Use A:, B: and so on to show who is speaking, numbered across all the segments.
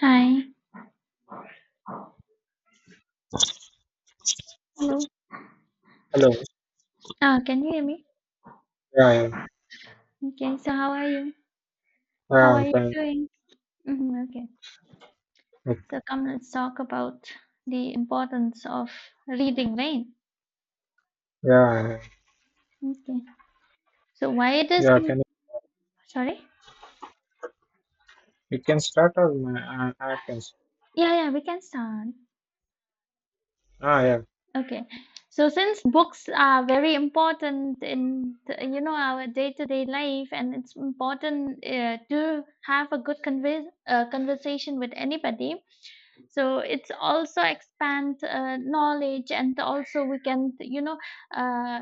A: Hi. Hello.
B: Hello,
A: Ah, can you hear me?
B: yeah, I am.
A: Okay, so how are you? How
B: Yeah, I'm
A: are you
B: fine.
A: doing? Okay. Let's talk about the importance of reading, right?
B: Yeah, I am.
A: Okay. So why it is
B: Yeah. Can
A: sorry?
B: you can start, or I can.
A: Yeah, yeah, we can start.
B: Yeah,
A: Okay. So since books are very important in you know our day-to-day life, and it's important to have a good conversation with anybody, so it's also expand knowledge, and also we can uh,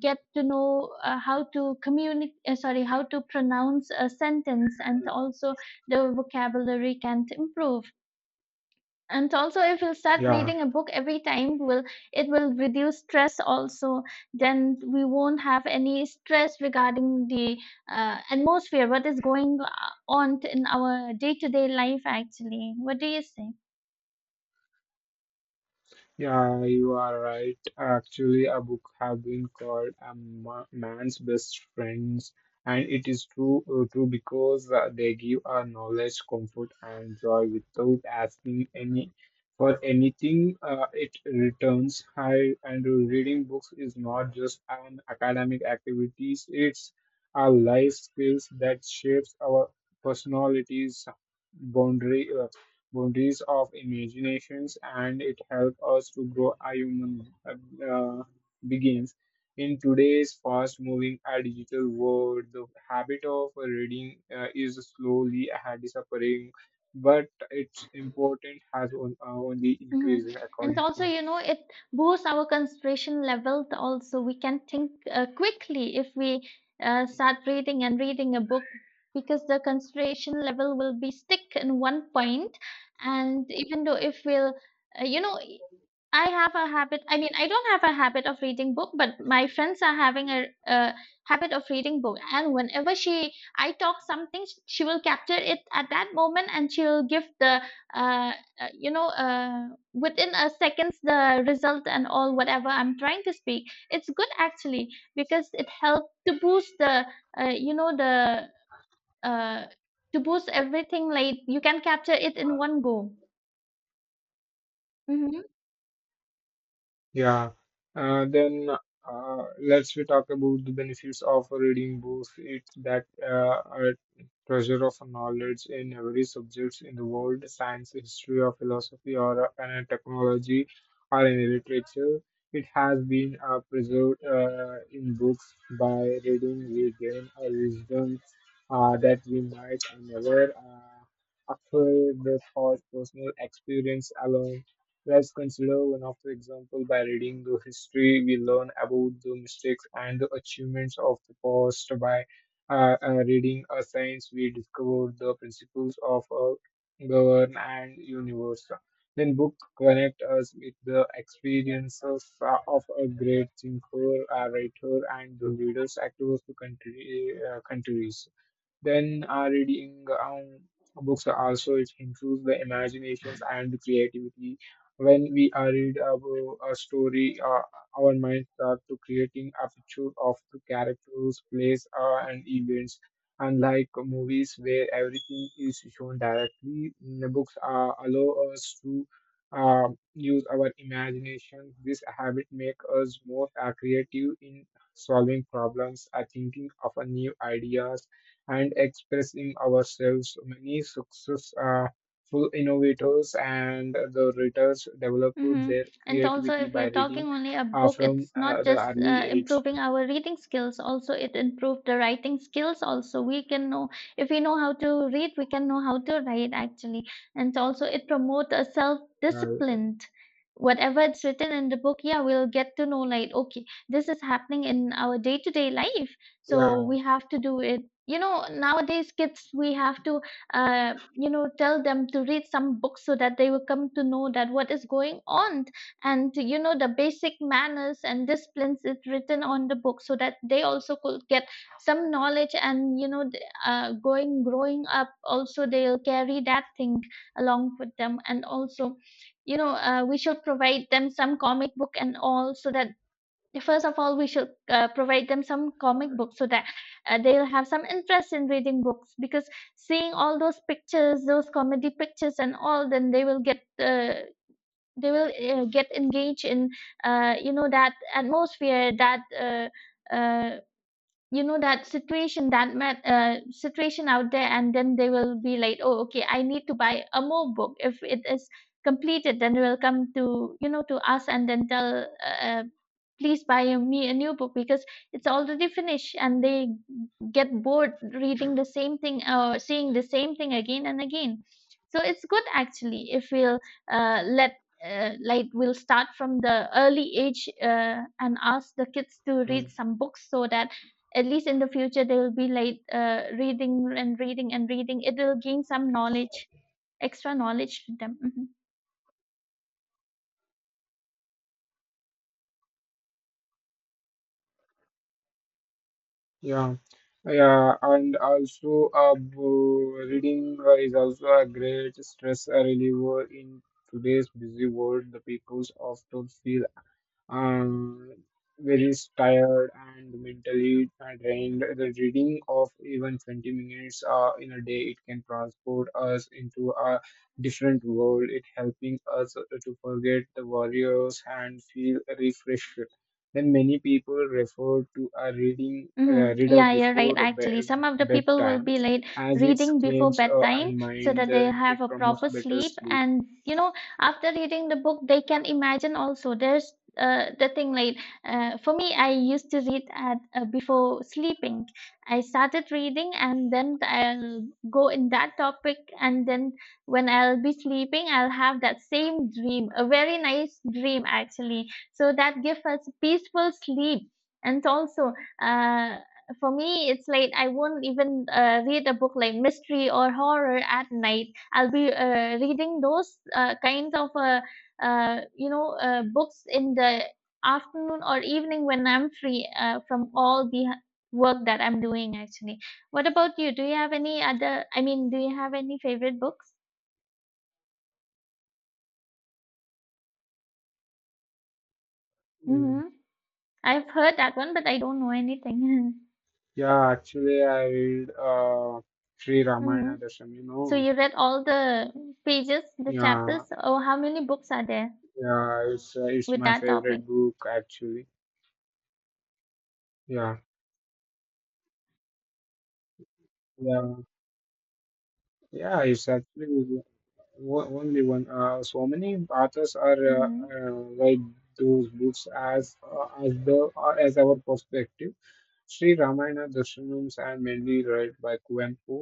A: get to know how to communicate, sorry, how to pronounce a sentence, and also the vocabulary can improve. And also, if you start
B: yeah.
A: reading a book every time, will it will reduce stress also. Then we won't have any stress regarding the atmosphere, what is going on in our day-to-day life. Actually, what do you say?
B: Yeah, you are right. Actually, a book have been called a man's best friends, and it is true because they give our knowledge, comfort, and joy without asking any for anything. It returns high, and reading books is not just an academic activities. It's our life skills that shapes our personalities, boundary boundaries of imaginations, and it helps us to grow our human begins. In today's fast-moving and digital world, the habit of reading is slowly disappearing, but its importance has only
A: Mhm.
B: increased
A: And
B: according to
A: also,
B: me.
A: you know, it boosts our concentration level. Also, we can think quickly if we start reading and reading a book, because the concentration level will be stick in one point. And even though, if we'll, you know, I have a habit. I mean, I don't have a habit of reading book, but my friends are having a habit of reading book. And I talk something, she will capture it at that moment, and she'll give uh, uh, you know, uh, within a seconds the result and all whatever I'm trying to speak. It's good actually, because it helped to boost the, you know, the uh, to boost everything. Like you can capture it in one go. Mhm.
B: Yeah, then let's we talk about the benefits of reading books. It's that a treasure of knowledge in every subjects in the world, science, history, or philosophy, or any technology, or any literature. It has been preserved in books. By reading, we gain a wisdom that we might never acquire the thought personal experience alone. Let's consider one of the example by reading the history. We learn about the mistakes and the achievements of the past by reading a science. We discover the principles of a govern and universe. Then book connect us with the experiences of a great thinker, a writer, and the leaders across the countries. Then reading books also it improves the imaginations and creativity. When we read a story, our mind start to creating a picture of the characters, place, and events. Unlike movies where everything is shown directly, the books allow us to uh, use our imagination. This habit makes us more creative in solving problems, thinking of a new ideas, and expressing ourselves. Many successful innovators and the writers developed
A: Mm-hmm.
B: their
A: And also,
B: creativity
A: if we
B: by
A: are
B: reading
A: talking only a book,
B: from
A: it's not
B: the
A: just
B: early age.
A: improving our reading skills. Also, it improved the writing skills. Also, we can know, if we know how to read, we can know how to write actually. And also, it promotes a
B: Uh,
A: self-discipline. Whatever it's written in the book, yeah, we'll get to know like, okay, this is happening in our day-to-day life,
B: yeah,
A: so we have to do it. You know, nowadays kids, we have to you know tell them to read some books so that they will come to know that what is going on, and you know the basic manners and disciplines is written on the book so that they also could get some knowledge. And you know going growing up also, they'll carry that thing along with them. And also, you know, we should provide them some comic book and all, so that yeah, first of all, we should provide them some comic books so that they'll have some interest in reading books, because seeing all those pictures, those comedy pictures and all, then they will get engaged in you know that atmosphere, that you know that situation out there, and then they will be like, oh okay, I need to buy a more book. If it is completed, then they will come to you know to us and then tell, please buy me a new book, because it's already finished, and they get bored reading the same thing or seeing the same thing again and again. So it's good actually, if we'll let like we'll start from the early age and ask the kids to read
B: mm,
A: some books, so that at least in the future they will be like reading and reading and reading, it will gain some knowledge, extra knowledge to them. Mhm.
B: yeah, yeah, and also reading is also a great stress reliever in today's busy world. The people often feel um, very tired and mentally drained. The reading of even 20 minutes in a day, it can transport us into a different world. It helping us to forget the warriors and feel refreshed. Then many people refer to a reading
A: Mhm.
B: reader
A: Yeah, you're right,
B: before
A: actually. Some of the people will
B: bedtime,
A: be like
B: as it
A: reading before
B: claims
A: bedtime
B: and
A: so
B: mind.
A: that they
B: Then it
A: have a
B: promotes
A: proper
B: better
A: sleep.
B: sleep.
A: And, you know, after reading the book, they can imagine also. There's the thing like, for me, I used to read at before sleeping. I started reading and then I'll go in that topic. And then when I'll be sleeping, I'll have that same dream, a very nice dream, actually. So that gives us peaceful sleep. And also, uh, for me, it's like I won't even read a book like mystery or horror at night. I'll be reading those kinds of books in the afternoon or evening when I'm free from all the work that I'm doing. Actually, what about you? Do you have any other? I mean, do you have any favorite books? Mm-hmm. I've heard that one, but I don't know anything.
B: Yeah, actually, I read Sri
A: Mm-hmm.
B: Ramayana Dasam, you
A: So
B: know.
A: you read all the pages, the chapters.
B: Yeah,
A: Oh, how many books are there?
B: yeah, it's
A: With
B: my
A: that topic.
B: favorite book actually. Yeah, yeah, yeah. It's actually only one. So many authors are
A: Mhm.
B: write those books as the as our perspective. Sri Ramayana Dasanams are mainly read by Kuanpu.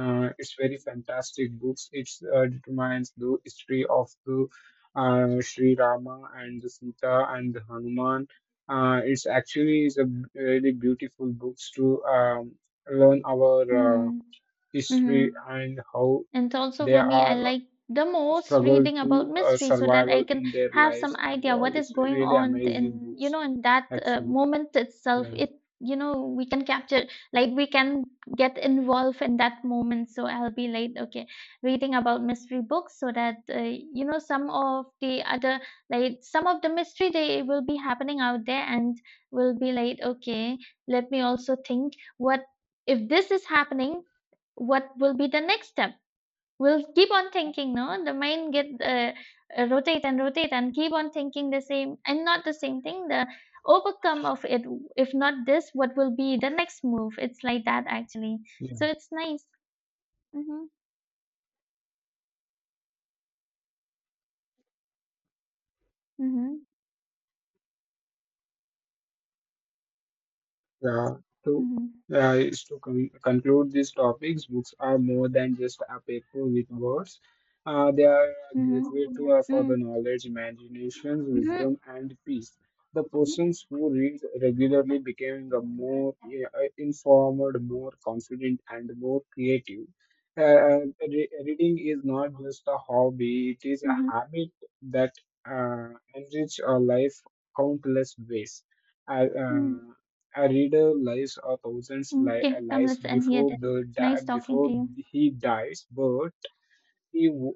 B: It's very fantastic books. It determines the history of the Sri Rama and the Sita and the Hanuman. It's actually is a really beautiful books to learn our
A: Mhm.
B: history
A: Mhm.
B: and how
A: And also
B: they
A: for me, I
B: are
A: like the most
B: struggled
A: reading about
B: to
A: mystery so that
B: survival
A: I can
B: in their
A: have some
B: lives and
A: idea
B: all.
A: what is
B: It's
A: going
B: really
A: on
B: amazing
A: in, you
B: books
A: know, in that
B: actually.
A: moment itself.
B: Yeah.
A: You know, we can capture, like we can get involved in that moment. So I'll be like, okay, reading about mystery books so that, you know, some of the other, like some of the mystery, they will be happening out there and will be like, okay, let me also think what, if this is happening, what will be the next step? We'll keep on thinking, no, the mind get rotate and rotate and keep on thinking the same, and not the same thing, the overcome of it, if not this, what will be the next move. It's like that actually, so it's nice. Mm-hmm, mm-hmm,
B: Yeah, to
A: mm-hmm,
B: yeah, is to conclude these topics, books are more than just a paper with words. They are a
A: mm-hmm,
B: gateway to for
A: mm-hmm,
B: the knowledge, imagination,
A: mm-hmm,
B: wisdom, and peace. The
A: mm-hmm, mm-hmm.
B: persons who read regularly becoming a more yeah, informed, more confident, and more creative. Uh, re reading is not just a hobby; it is a
A: Mm-hmm.
B: habit that uh, enrich our life countless ways. I,
A: Mm-hmm.
B: uh, a reader lives a thousand
A: Okay, come
B: lives
A: let's end here
B: before
A: then,
B: the
A: nice talking to
B: before
A: you.
B: he dies, but he w-